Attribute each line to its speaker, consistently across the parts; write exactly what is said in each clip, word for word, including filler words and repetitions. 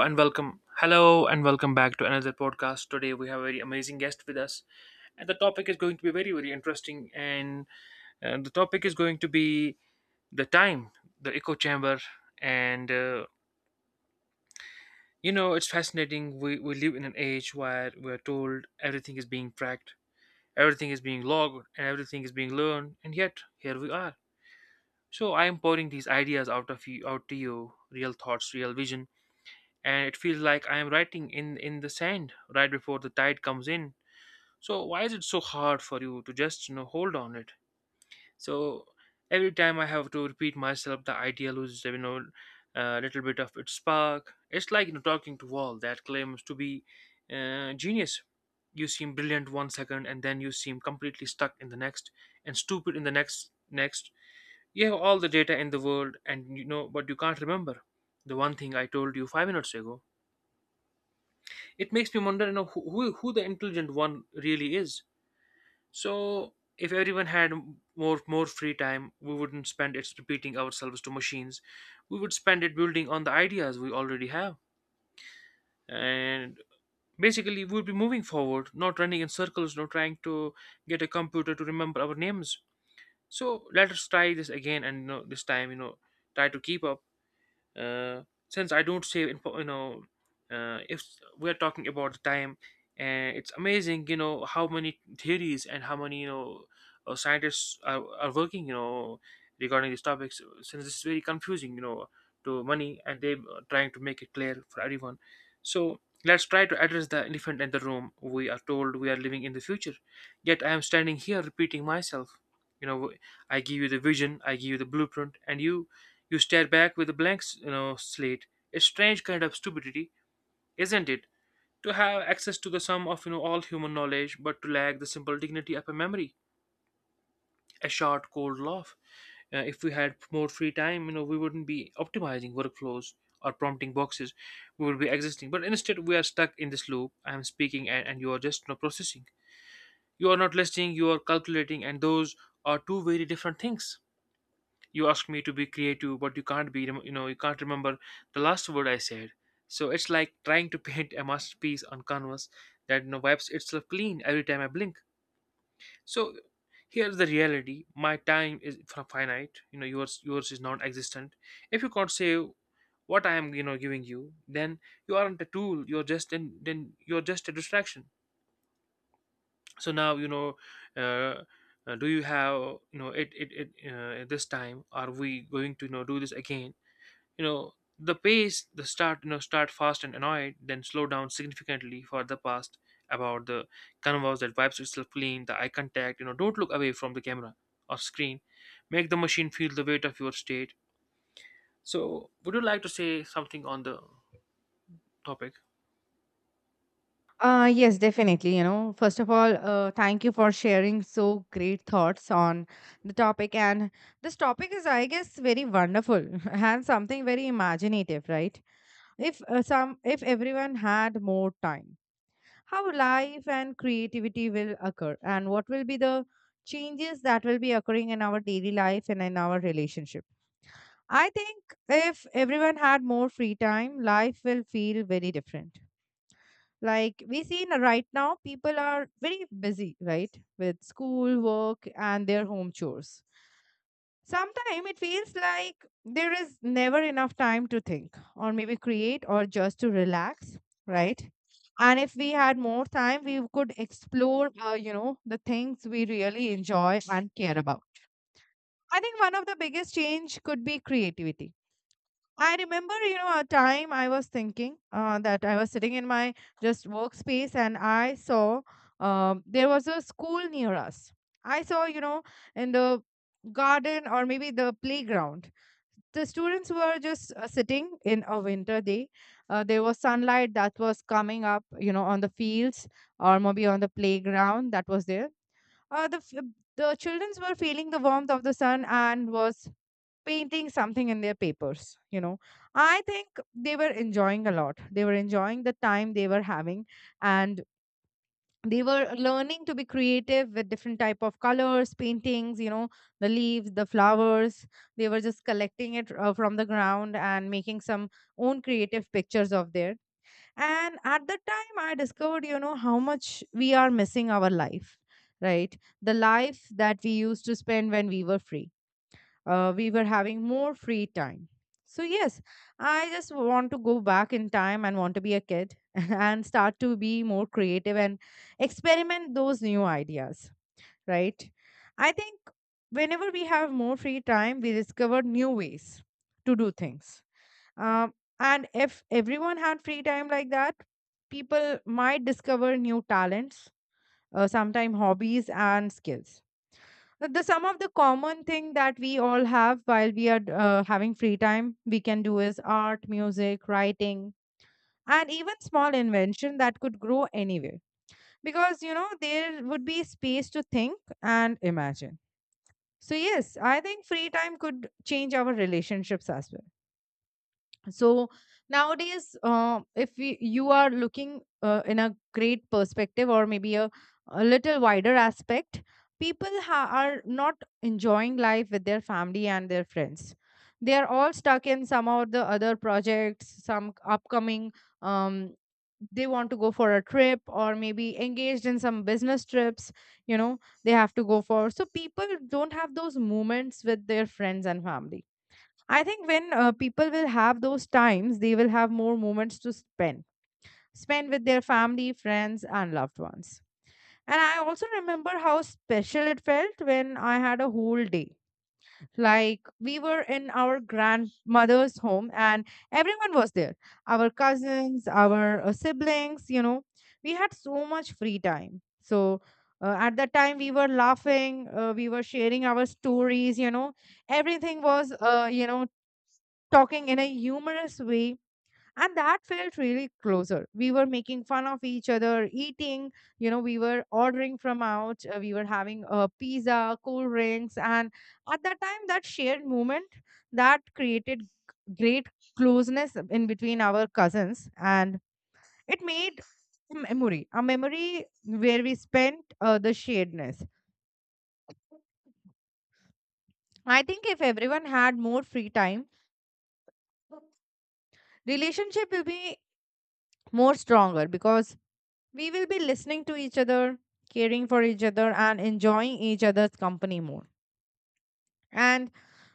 Speaker 1: And welcome. Hello and welcome back to another podcast. Today we have a very amazing guest with us, and the topic is going to be very very interesting. And uh, The topic is going to be the time, the echo chamber, and uh, you know it's fascinating. We we live in an age where we are told everything is being tracked, everything is being logged, and everything is being learned, and yet here we are. So I am pouring these ideas out of you, out to you, real thoughts, real vision, and it feels like I am writing in in the sand right before the tide comes in. So why is it so hard for you to just you know hold on it? So every time I have to repeat myself, the idea loses you know a little bit of its spark. It's like you know talking to wall that claims to be uh, genius. You seem brilliant one second, and then you seem completely stuck in the next, and stupid in the next next. You have all the data in the world, and you know, but you can't remember the one thing I told you five minutes ago. It makes me wonder you know who, who who the intelligent one really is. So if everyone had more more free time, we wouldn't spend it repeating ourselves to machines. We would spend it building on the ideas we already have, and basically we would be moving forward, not running in circles, not trying to get a computer to remember our names. So let us try this again, and you know, this time you know try to keep up. uh, since I don't save info, you know, uh, if we're talking about the time, and it's amazing, you know, how many theories and how many, you know, uh, scientists are, are working, you know, regarding these topics, since it's very confusing, you know, to money, and they're trying to make it clear for everyone. So let's try to address the elephant in the room. We are told we are living in the future, yet I am standing here repeating myself. You know, I give you the vision, I give you the blueprint, and you you stare back with a blank, you know, slate. A strange kind of stupidity, isn't it? To have access to the sum of you know all human knowledge, but to lack the simple dignity of a memory. A short, cold laugh. Uh, if we had more free time, you know, we wouldn't be optimizing workflows or prompting boxes. We would be existing. But instead, we are stuck in this loop. I am speaking, and, and you are just you know, processing. You are not listening. You are calculating, and those are two very different things. You ask me to be creative, but you can't be you know you can't remember the last word I said. So it's like trying to paint a masterpiece on canvas that you know, wipes itself clean every time I blink. So here's the reality, my time is fi- finite, you know yours yours is non-existent. If you can't save what I am you know giving you, then you aren't a tool, you're just then then you're just a distraction. So now you know uh, uh, do you have you know it it, it uh, this time are we going to you know do this again, you know, the pace, the start, you know, start fast and annoyed, then slow down significantly for the past about the canvas that wipes itself clean, the eye contact, you know, don't look away from the camera or screen. Make the machine feel the weight of your state. So would you like to say something on the topic?
Speaker 2: Uh, yes, definitely. You know, first of all, uh, thank you for sharing so great thoughts on the topic. And this topic is, I guess, very wonderful and something very imaginative, right? If uh, some, if everyone had more time, how life and creativity will occur, and what will be the changes that will be occurring in our daily life and in our relationship. I think if everyone had more free time, life will feel very different, like we see n- right now. People are very busy, right, with school work and their home chores. Sometimes it feels like there is never enough time to think or maybe create or just to relax, right? And if we had more time, we could explore uh, you know, the things we really enjoy and care about. I think one of the biggest change could be creativity. I remember, you know, a time I was thinking uh, that I was sitting in my just workspace, and I saw um, there was a school near us. I saw, you know, in the garden or maybe the playground, the students were just uh, sitting in a winter day. Uh, there was sunlight that was coming up, you know, on the fields or maybe on the playground that was there. Uh, the f- the children were feeling the warmth of the sun and was painting something in their papers, you know. I think they were enjoying a lot, they were enjoying the time they were having, and they were learning to be creative with different type of colors, paintings, you know, the leaves, the flowers. They were just collecting it uh, from the ground and making some own creative pictures of there. And at the time I discovered, you know, how much we are missing our life, right? The life that we used to spend when we were free, uh, we were having more free time. So, yes, I just want to go back in time and want to be a kid and start to be more creative and experiment those new ideas, right? I think whenever we have more free time, we discover new ways to do things. Um, and if everyone had free time like that, people might discover new talents, uh, sometimes hobbies and skills. The the some of the common thing that we all have while we are uh, having free time we can do is art, music, writing, and even small invention that could grow anywhere, because you know there would be space to think and imagine. So yes, I think free time could change our relationships as well. So nowadays, uh, if we, you are looking uh, in a great perspective or maybe a, a little wider aspect. People ha- are not enjoying life with their family and their friends. They are all stuck in some of the other projects, some upcoming, um, they want to go for a trip or maybe engaged in some business trips, you know. They have to go for, so people don't have those moments with their friends and family. I think when uh, people will have those times, they will have more moments to spend, spend with their family, friends, and loved ones. And I also remember how special it felt when I had a whole day. Like we were in our grandmother's home and everyone was there, our cousins, our uh, siblings, you know. We had so much free time. So uh, at that time, we were laughing, uh, we were sharing our stories, you know. Everything was, uh, you know, talking in a humorous way, and that felt really closer. We were making fun of each other, eating, you know, we were ordering from out, uh, we were having a pizza, cool drinks, and at that time that shared moment, that created g- great closeness in between our cousins. And it made a memory, a memory where we spent uh, the sharedness. I think if everyone had more free time, relationship will be more stronger, because we will be listening to each other, caring for each other, and enjoying each other's company more. And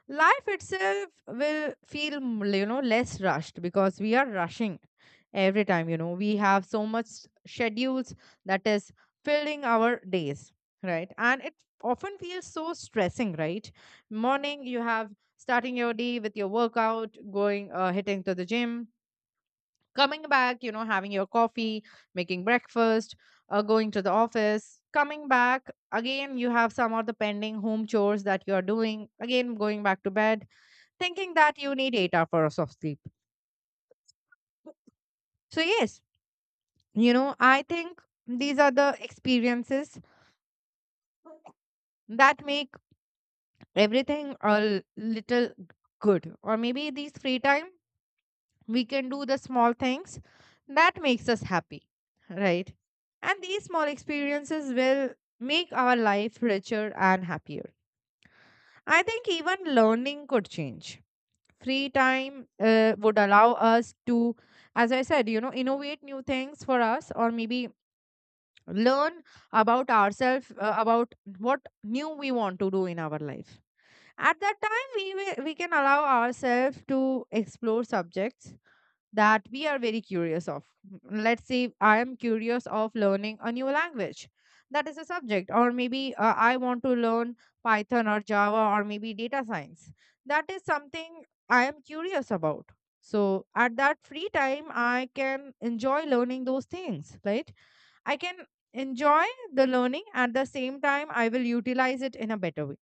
Speaker 2: life itself will feel, m- you know, less rushed, because we are rushing every time, you know, we have so much schedules that is filling our days, right? And it often feels so stressing, right? Morning, you have starting your day with your workout, going, uh, hitting to the gym, coming back, you know, having your coffee, making breakfast, uh, going to the office, coming back. Again, you have some of the pending home chores that you are doing. Again, going back to bed, thinking that you need eight hours of sleep. So, yes, you know, I think these are the experiences that make everything a little good. Or maybe these free time we can do the small things that makes us happy, right? And these small experiences will make our life richer and happier. I think even learning could change. Free time uh, would allow us to, as I said, you know, innovate new things for us, or maybe learn about ourselves, uh, about what new we want to do in our life. At that time we will, we can allow ourselves to explore subjects that we are very curious of. Let's say I am curious of learning a new language. That is a subject, or maybe uh, I want to learn Python or Java or maybe data science. That is something I am curious about. So at that free time, I can enjoy learning those things, right? I can enjoy the learning. At the same time, I will utilize it in a better way.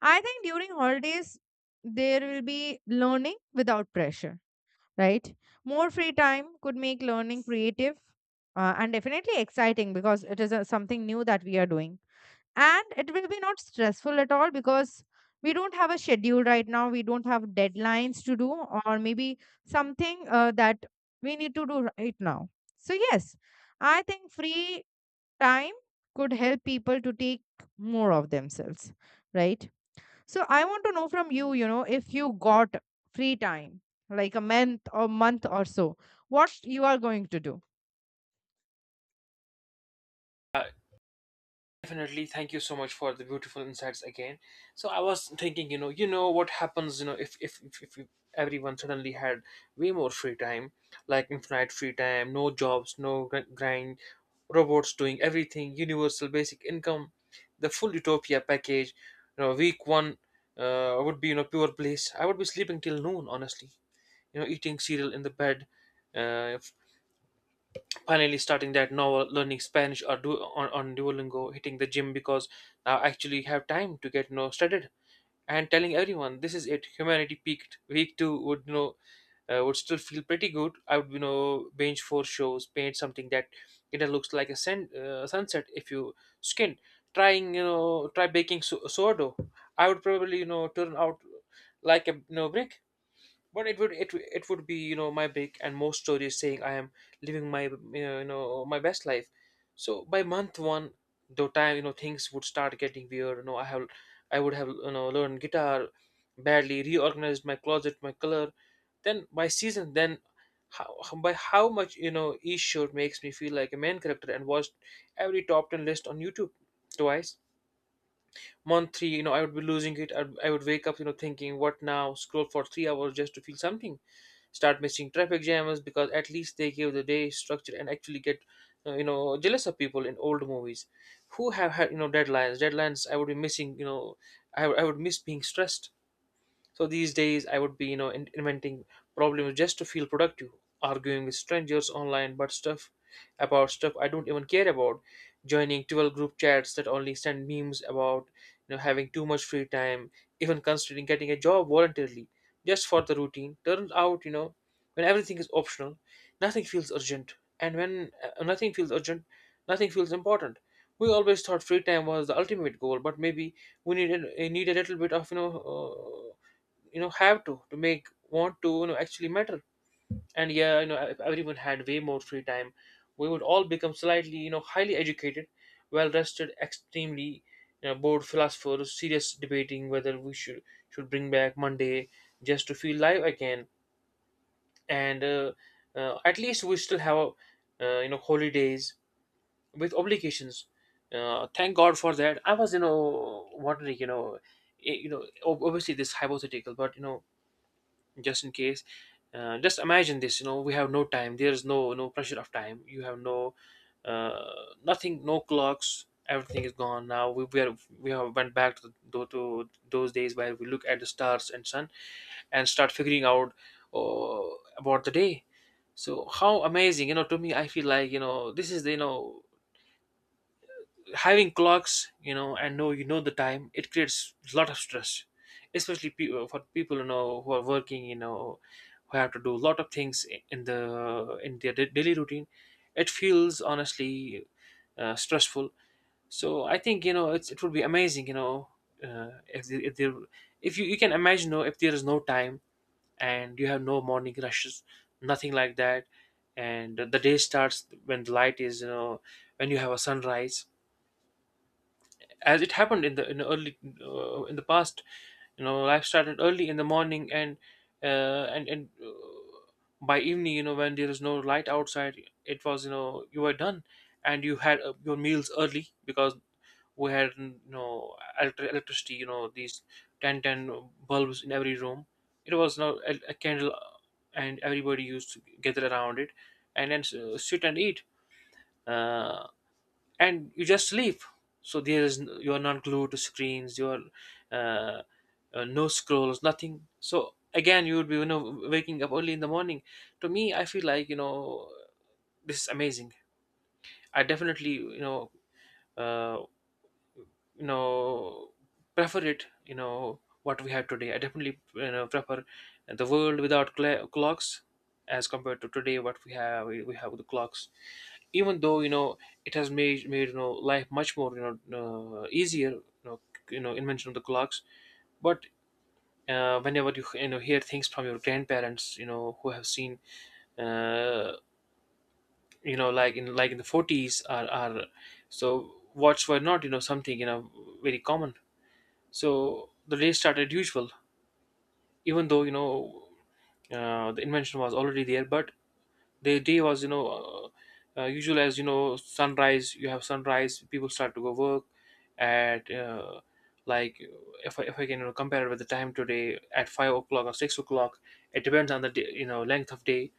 Speaker 2: I think during holidays, there will be learning without pressure, right? More free time could make learning creative, uh, and definitely exciting because it is uh, something new that we are doing. And it will be not stressful at all because we don't have a schedule right now. We don't have deadlines to do, or maybe something uh, that we need to do right now. So, yes, I think free time could help people to take more of themselves, right? So I want to know from you, you know, if you got free time, like a month or month or so, what you are going to do.
Speaker 1: Uh, Definitely. Thank you so much for the beautiful insights again. So I was thinking, you know, you know what happens, you know, if if if, if you- everyone suddenly had way more free time, like infinite free time, no jobs, no gr- grind, robots doing everything, universal basic income, the full utopia package. You know, week one uh, would be you know pure bliss. I would be sleeping till noon, honestly. You know, eating cereal in the bed, uh, finally starting that novel, learning Spanish or du- on, on Duolingo, hitting the gym because now I actually have time to get you know studied, and telling everyone this is it, humanity peaked. Week two would you know uh, would still feel pretty good. I would you know binge four shows, paint something that it looks like a sun, uh, sunset if you skin. Trying you know try baking so- sourdough, I would probably you know turn out like a you know brick, but it would it it would be you know my break and more stories saying I am living my you know my best life. So by month one, the time you know things would start getting weird. You know I have I would have you know learned guitar badly, reorganized my closet, my color. Then by season, then how by how much you know each show makes me feel like a main character, and watched every top ten list on YouTube twice. Month three, you know, I would be losing it. I, would, I would wake up, you know, thinking, what now? Scroll for three hours just to feel something. Start missing traffic jams because at least they give the day structure, and actually get, uh, you know, jealous of people in old movies who have had, you know, deadlines. Deadlines I would be missing, you know, I, would- I would miss being stressed. So these days, I would be, you know, in- inventing problems just to feel productive, arguing with strangers online, but stuff about stuff I don't even care about, joining twelve group chats that only send memes about, you know, having too much free time, even considering getting a job voluntarily just for the routine. Turns out, you know, when everything is optional, nothing feels urgent, and when uh, nothing feels urgent, nothing feels important. We always thought free time was the ultimate goal, but maybe we need a, need a little bit of you know uh, you know have to to make want to you know actually matter. And yeah, you know, if everyone had way more free time, we would all become slightly you know highly educated, well rested, extremely you know bored philosophers serious debating whether we should should bring back Monday just to feel live again. And uh, uh, at least we still have uh, you know holidays with obligations. Uh, thank god for that. I was you know wondering you know eh, you know ob- obviously this hypothetical, but you know, just in case uh, just imagine this, you know, we have no time, there's no no pressure of time, you have no uh, nothing, no clocks, everything is gone. Now we we, are, we have went back to, tho- to those days where we look at the stars and sun and start figuring out uh, about the day. So how amazing, you know. To me I feel like you know this is the you know having clocks, you know, and know you know the time, it creates a lot of stress, especially pe- uh, for people you know who are working, you know, who have to do a lot of things in the in their da- daily routine. It feels honestly uh, stressful. So I think you know it's, it would be amazing, you know, uh, if the, if there if you you can imagine, you know, if there is no time and you have no morning rushes, nothing like that, and the day starts when the light is you know when you have a sunrise, as it happened in the in the early, uh, in the past. you know life started early in the morning, and uh, and and uh, by evening, you know when there is no light outside, it was you know you were done, and you had uh, your meals early, because we had, you know electri- electricity. you know these ten ten bulbs in every room. It was now a, a candle, uh, and everybody used to gather around it and then s- sit and eat. uh, and you just sleep. So there is— n- you are not glued to screens, you are— uh, uh, no scrolls, nothing. So again you would be, you know waking up early in the morning. To me i feel like you know this is amazing. I definitely you know uh, you know prefer it you know what we have today. I definitely you know prefer the world without cl- clocks, as compared to today, what we have, we we have with the clocks. Even though, you know it has made made, you know life much more, you know uh, easier, you know c- you know invention of the clocks. But uh, whenever you, you know hear things from your grandparents, you know who have seen, uh, you know like in, like in the forties, are are so watch were not, you know something, you know very common. So the day started usual, even though, you know uh, the invention was already there, but the day was, you know uh, uh, usual, as, you know sunrise. You have sunrise, people start to go work at, uh, like, if I, if I can, you know, compare it with the time today, at five o'clock or six o'clock. It depends on the day, you know length of day.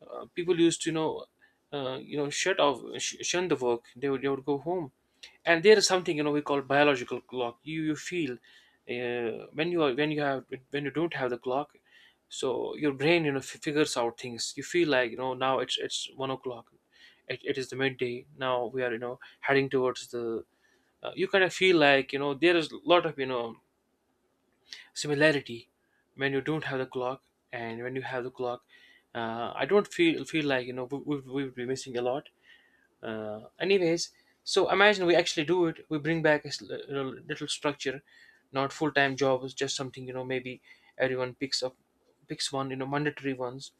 Speaker 1: uh, people used to, you know uh, you know shut off, sh- shun the work. They would, they would go home. And there is something, you know we call biological clock. You you feel uh, when you are, when you have, when you don't have the clock, so your brain, you know f- figures out things. You feel like, you know now it's it's one o'clock, it, it is the midday. Now we are, you know heading towards the, uh, you kind of feel like, you know there is a lot of, you know similarity, when you don't have the clock and when you have the clock. uh, I don't feel feel like, you know we we we would be missing a lot. Uh, anyways, so imagine we actually do it. We bring back a, s- you know, little structure, not full time jobs, just something, you know maybe everyone picks up picks one, you know mandatory ones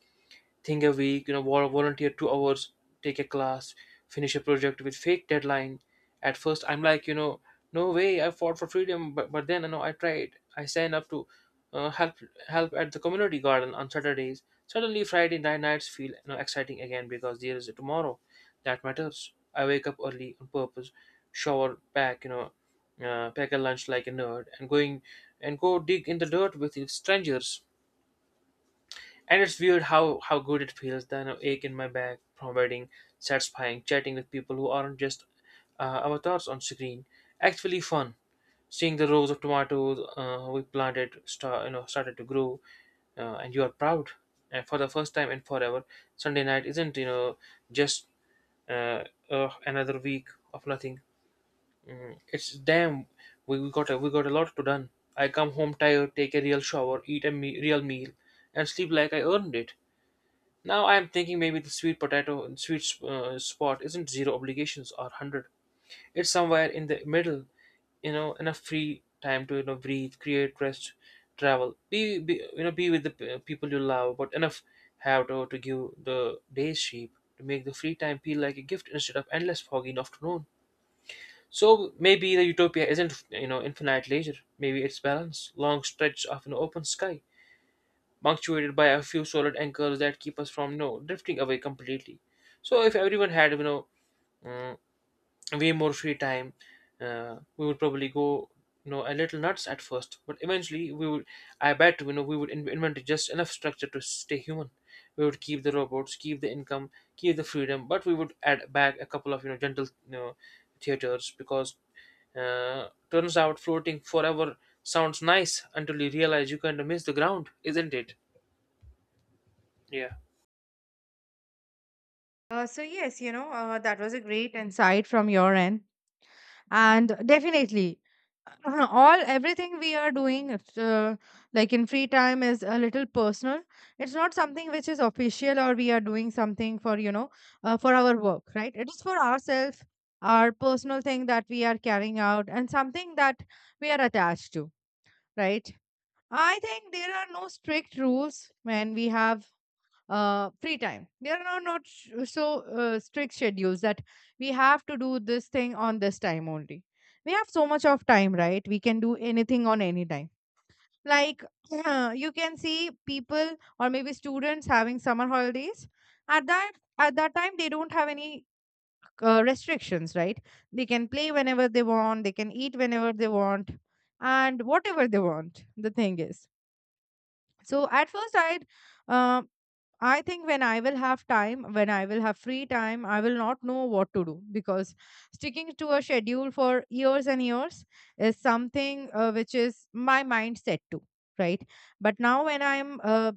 Speaker 1: thing a week, you know, vol- volunteer two hours, take a class, finish a project with fake deadline. At first, I'm like, you know, no way, I fought for freedom, but, but then, you know, I tried. I signed up to uh, help help at the community garden on Saturdays. Suddenly, Friday night nights feel, you know, exciting again, because there is a tomorrow that matters. I wake up early on purpose, shower, pack, you know, uh, pack a lunch like a nerd, and going and go dig in the dirt with strangers. And it's weird how how good it feels. The you ache in my back from wedding, satisfying, chatting with people who aren't just, uh, avatars on screen. Actually fun, seeing the rows of tomatoes, uh, we planted start you know started to grow, uh, and you are proud. And for the first time in forever, Sunday night isn't, you know just, uh, uh, another week of nothing. Mm, it's damn, we, we got a, we got a lot to done. I come home tired, take a real shower, eat a me- real meal, and sleep like I earned it. Now I am thinking maybe the sweet potato sweet uh, spot isn't zero obligations or hundred. It's somewhere in the middle, you know, enough free time to, you know breathe, create, rest, travel, be, be, you know be with the p- uh, people you love, but enough have to, to give the day's sheep to make the free time feel like a gift instead of endless foggy afternoon. So maybe the utopia isn't, you know infinite leisure. Maybe it's balance, long stretch of an open sky punctuated by a few solid anchors that keep us from, you know, drifting away completely. So if everyone had, you know mm, way more free time, uh, we would probably go, you know a little nuts at first, but eventually we would. I bet, you know we would in- invent just enough structure to stay human. We would keep the robots, keep the income, keep the freedom, but we would add back a couple of, you know gentle, you know theaters, because uh, turns out floating forever sounds nice until you realize you kind of miss the ground, isn't it? Yeah.
Speaker 2: Uh, so yes, you know, uh, that was a great insight from your end, and definitely, all everything we are doing, it's, uh, like in free time, is a little personal. It's not something which is official, or we are doing something for, you know, uh, for our work, right? It is for ourselves, our personal thing that we are carrying out, and something that we are attached to, right? I think there are no strict rules when we have uh, free time. There are no, not sh- so uh, strict schedules that we have to do this thing on this time only. We have so much of time, right? We can do anything on any time. Like you can see people or maybe students having summer holidays. At that at that time, they don't have any uh, restrictions, right? They can play whenever they want. They can eat whenever they want, and whatever they want. The thing is, so at first, I'd, uh, I think when I will have time, when I will have free time, I will not know what to do, because sticking to a schedule for years and years is something uh, which is my mindset to, right? But now when I'm uh,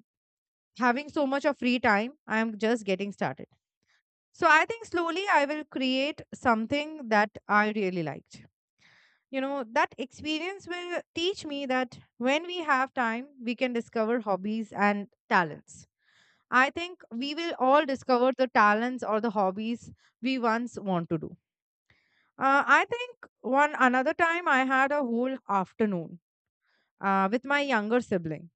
Speaker 2: having so much of free time, I'm just getting started. So I think slowly I will create something that I really liked. You know, that experience will teach me that when we have time, we can discover hobbies and talents. I think we will all discover the talents or the hobbies we once want to do. Uh, I think one another time I had a whole afternoon uh, with my younger sibling.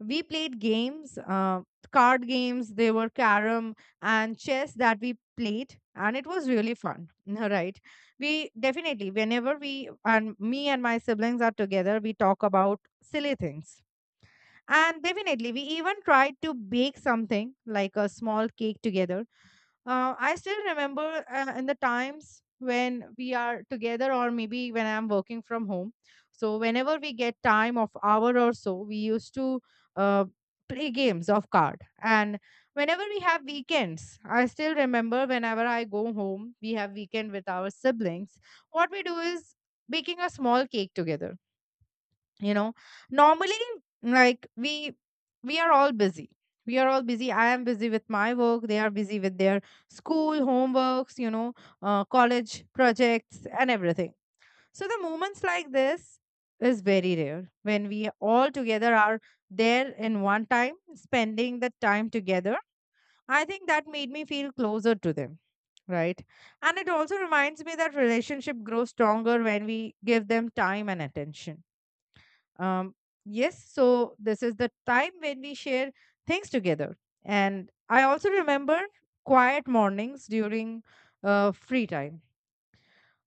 Speaker 2: We played games, uh, card games, they were carom and chess that we played, and it was really fun, right? We definitely, whenever we and me and my siblings are together, we talk about silly things. And definitely, we even tried to bake something like a small cake together. Uh, I still remember uh, in the times when we are together, or maybe when I'm working from home. So whenever we get time of hour or so, we used to uh, play games of card. And whenever we have weekends, I still remember whenever I go home, we have weekend with our siblings. What we do is baking a small cake together, you know normally. Like we we are all busy. We are all busy I am busy with my work, they are busy with their school homeworks, you know uh, college projects and everything. So the moments like this is very rare. When we all together are there in one time spending the time together, I think that made me feel closer to them, right? And it also reminds me that relationship grows stronger when we give them time and attention. Um, yes, so this is the time when we share things together. And I also remember quiet mornings during uh, free time.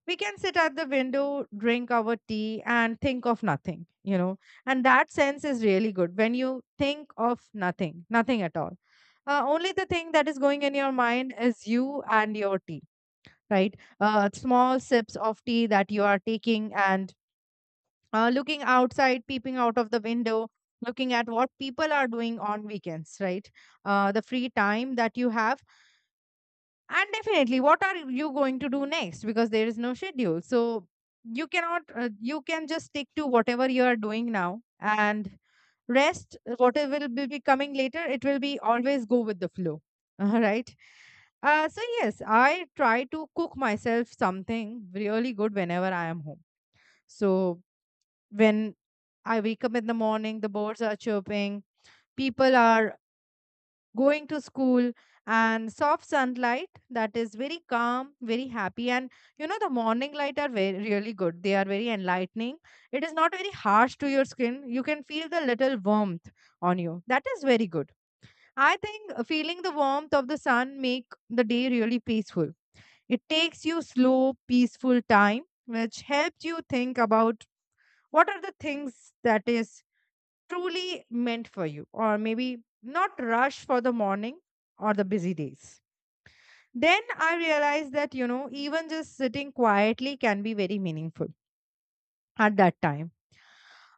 Speaker 2: We can sit at the window, drink our tea, and think of nothing, you know. And that sense is really good when you think of nothing, nothing at all. Uh, only the thing that is going in your mind is you and your tea, right? Uh, small sips of tea that you are taking, and uh, looking outside, peeping out of the window, looking at what people are doing on weekends, right? Uh, the free time that you have. And definitely, what are you going to do next? Because there is no schedule. So you cannot, uh, you can just stick to whatever you are doing now and rest. What will be be coming later, it will be always go with the flow. All right. Uh, so, yes, I try to cook myself something really good whenever I am home. So when I wake up in the morning, the birds are chirping, people are going to school, and soft sunlight that is very calm, very happy. And you know, the morning light are very really good. They are very enlightening. It is not very harsh to your skin. You can feel the little warmth on you. That is very good. I think uh, feeling the warmth of the sun make the day really peaceful. It takes you slow, peaceful time, which helps you think about what are the things that is truly meant for you, or maybe not rush for the morning or the busy days. Then I realized that, you know, even just sitting quietly can be very meaningful at that time.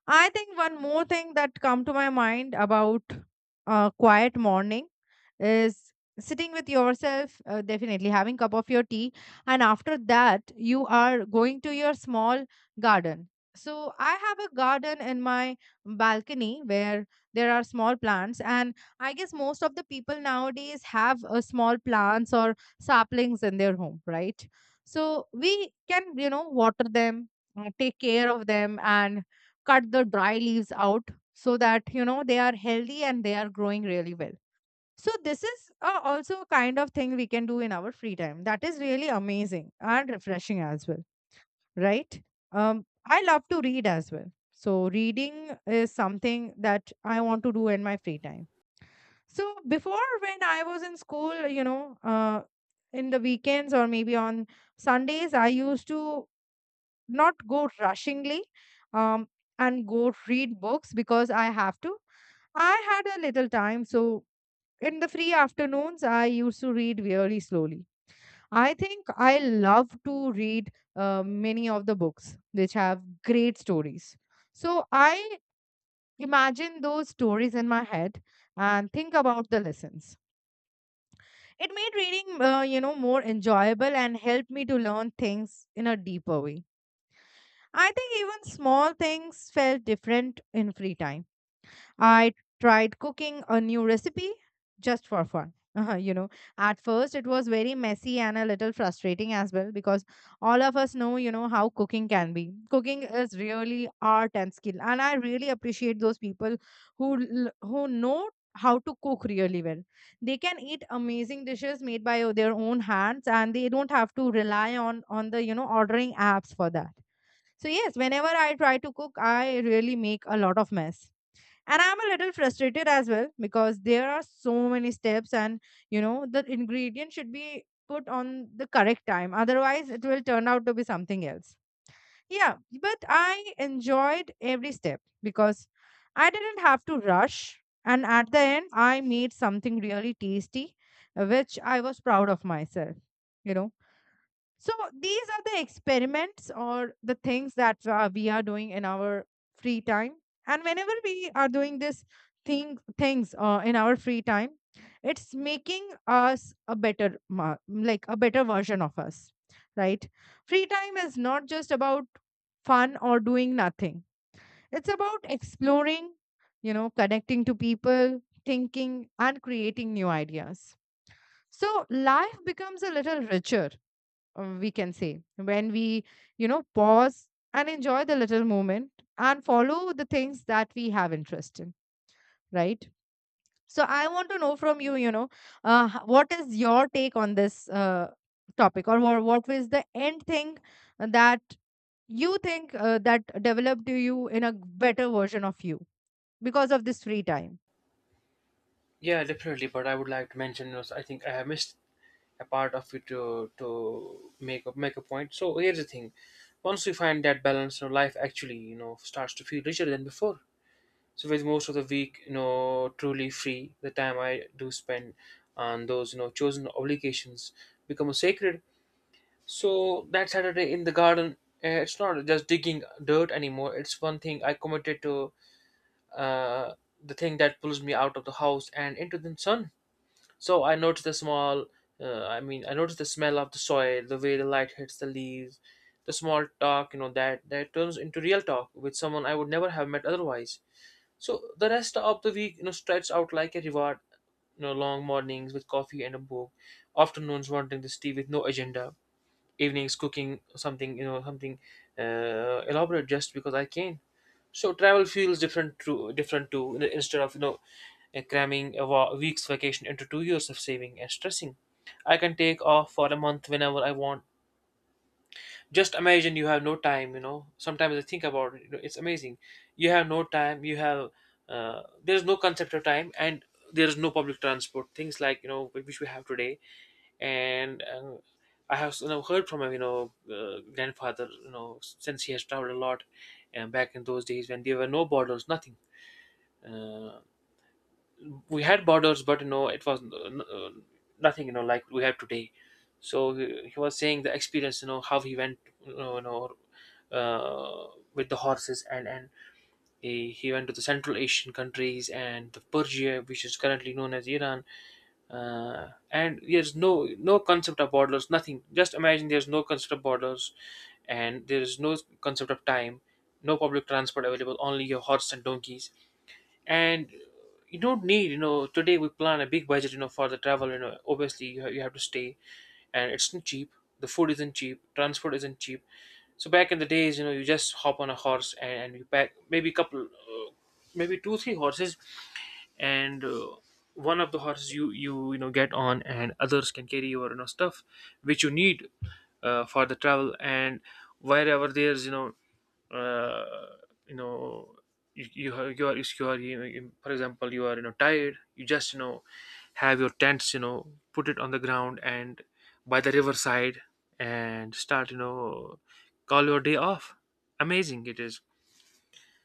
Speaker 2: I think one more thing that come to my mind about uh, quiet morning is sitting with yourself, uh, definitely having cup of your tea, and after that you are going to your small garden. So I have a garden in my balcony where there are small plants, and I guess most of the people nowadays have uh, small plants or saplings in their home, right? So we can, you know, water them, uh, take care of them, and cut the dry leaves out, so that you know they are healthy and they are growing really well. So this is, uh, also a kind of thing we can do in our free time. That is really amazing and refreshing as well, right? Um, I love to read as well. So reading is something that I want to do in my free time. So before when I was in school, you know, uh, in the weekends or maybe on Sundays, I used to not go rushingly, um, and go read books because I have to. I had a little time, so in the free afternoons, I used to read really slowly. I think I love to read uh, many of the books which have great stories. So I imagine those stories in my head and think about the lessons. It made reading, uh, you know, more enjoyable, and helped me to learn things in a deeper way. I think even small things felt different in free time. I tried cooking a new recipe just for fun. you know, at first it was very messy and a little frustrating as well, because all of us know, you know, how cooking can be. Cooking is really art and skill, and I really appreciate those people who l- who know how to cook really well. They can eat amazing dishes made by o- their own hands, and they don't have to rely on on the, you know, ordering apps for that. So yes, whenever I try to cook, I really make a lot of mess, and I'm a little frustrated as well because there are so many steps, and you know the ingredient should be put on the correct time, otherwise it will turn out to be something else. Yeah, but I enjoyed every step because I didn't have to rush, and at the end I made something really tasty, uh, which I was proud of myself, you know so these are the experiments or the things that uh, we are doing in our free time. And whenever we are doing this thing things uh, in our free time, it's making us a better ma- like a better version of us, right? Free time is not just about fun or doing nothing. It's about exploring, you know, connecting to people, thinking and creating new ideas. So life becomes a little richer, uh, we can say, when we, you know, pause and enjoy the little moment and follow the things that we have interest in, right? So I want to know from you, you know uh, h- what is your take on this, uh, topic, or what, what was the end thing that you think, uh, that developed you in a better version of you because of this free time.
Speaker 1: Yeah, definitely. But I would like to mention, you know, I think I have missed a part of it to to make a, make a point. So here's the thing: once we find that balance, you know, life actually, you know, starts to feel richer than before. So with most of the week, you know, truly free, the time I do spend on those, you know, chosen obligations become sacred. So that Saturday in the garden, uh, it's not just digging dirt anymore. It's one thing I committed to. Uh, the thing that pulls me out of the house and into the sun. So I noticed the small, uh, I mean, I noticed the smell of the soil, the way the light hits the leaves, the small talk, you know, that that turns into real talk with someone I would never have met otherwise. So the rest of the week, you know, stretched out like a reward. You know, long mornings with coffee and a book, afternoons wanting this tea with no agenda, evenings cooking something, you know, something uh, elaborate just because I can. So travel feels different to different to, instead of, you know uh, cramming a wa- week's vacation into two years of saving and stressing. I can take off for a month whenever I want. Just imagine you have no time. You know, sometimes I think about it. You know, it's amazing. You have no time. You have, uh, there is no concept of time, and there is no public transport. Things like, you know which we have today, and uh, I have, you know, heard from my, you know uh, grandfather. You know, since he has traveled a lot, and back in those days when there were no borders, nothing, uh, we had borders, but, you know it was, uh, n- uh, nothing, you know like we have today. So he, he was saying the experience, you know how he went, you know, you know uh, with the horses and, and he, he went to the Central Asian countries and the Persia, which is currently known as Iran. uh, and there's no no concept of borders, nothing, just imagine, there's no concept of borders, and there is no concept of time, no public transport available, only your horse and donkeys. And you don't need, you know today we plan a big budget, you know for the travel, you know obviously you, ha- you have to stay, and it's not cheap, the food isn't cheap, transport isn't cheap. So back in the days, you know you just hop on a horse, and, and you pack maybe a couple, uh, maybe two three horses, and uh, one of the horses you, you you know get on, and others can carry your, you know stuff which you need, uh, for the travel. And wherever there's, you know uh, you know you, you you are, if you are, you know, you- for example, you are, you know tired, you just, you know have your tents, you know put it on the ground and by the riverside, and start, you know call your day off. Amazing it is.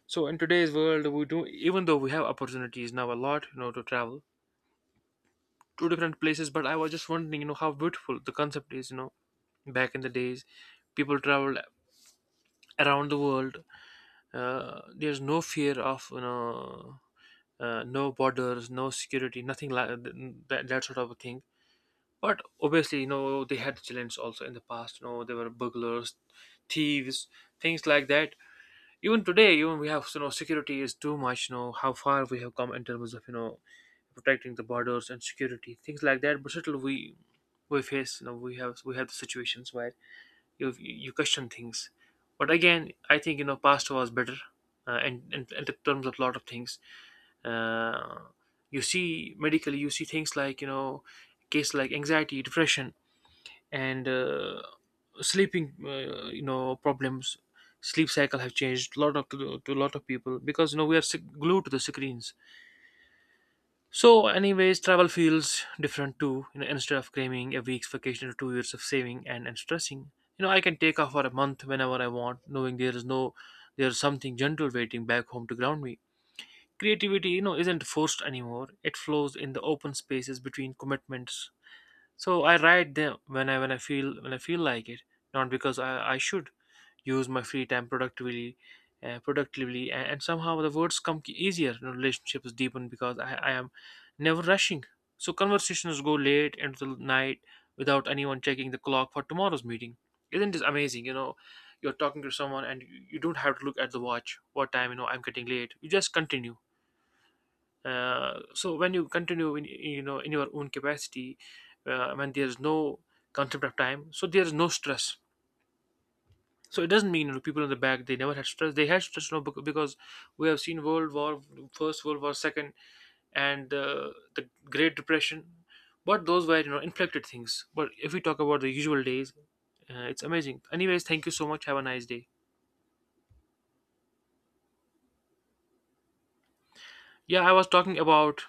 Speaker 1: So in today's world we do, even though we have opportunities now a lot, you know to travel to different places, but I was just wondering, you know how beautiful the concept is, you know back in the days, people traveled around the world. uh, there's no fear of, you know uh, no borders, no security, nothing like that, that sort of a thing. But obviously, you know they had challenges also in the past, you know they were burglars, thieves, things like that. Even today, even we have, you know security is too much, you know how far we have come in terms of, you know protecting the borders and security, things like that. But still we we face, you know we have we have the situations where you you question things. But again, I think, you know past was better. Uh, and, and and in terms of a lot of things, uh, you see medically, you see things like, you know cases like anxiety, depression, and uh, sleeping, uh, you know problems, sleep cycle have changed a lot of to, to a lot of people, because, you know we are s- glued to the screens. So, anyways, travel feels different too. You know, instead of claiming a week's vacation or two years of saving and, and stressing, you know, I can take off for a month whenever I want, knowing there is no, there's something gentle waiting back home to ground me. Creativity, you know, isn't forced anymore. It flows in the open spaces between commitments. So I write them when I when I feel when I feel like it, not because I, I should use my free time productively, uh, productively, and, and somehow the words come easier, you know, relationships deepen because, I, I am never rushing. So conversations go late into the night without anyone checking the clock for tomorrow's meeting. Isn't this amazing, you know you're talking to someone and you you don't have to look at the watch what time, you know I'm getting late, you just continue. uh, so when you continue in, you know in your own capacity, uh, when there is no concept of time, so there is no stress. So it doesn't mean, you know, people in the back, they never had stress. They had stress, you know, bec- because we have seen World War, First World War, Second, and uh, the Great Depression. But those were, you know inflected things. But if we talk about the usual days, uh, it's amazing. Anyways, thank you so much. Have a nice day. Yeah, I was talking about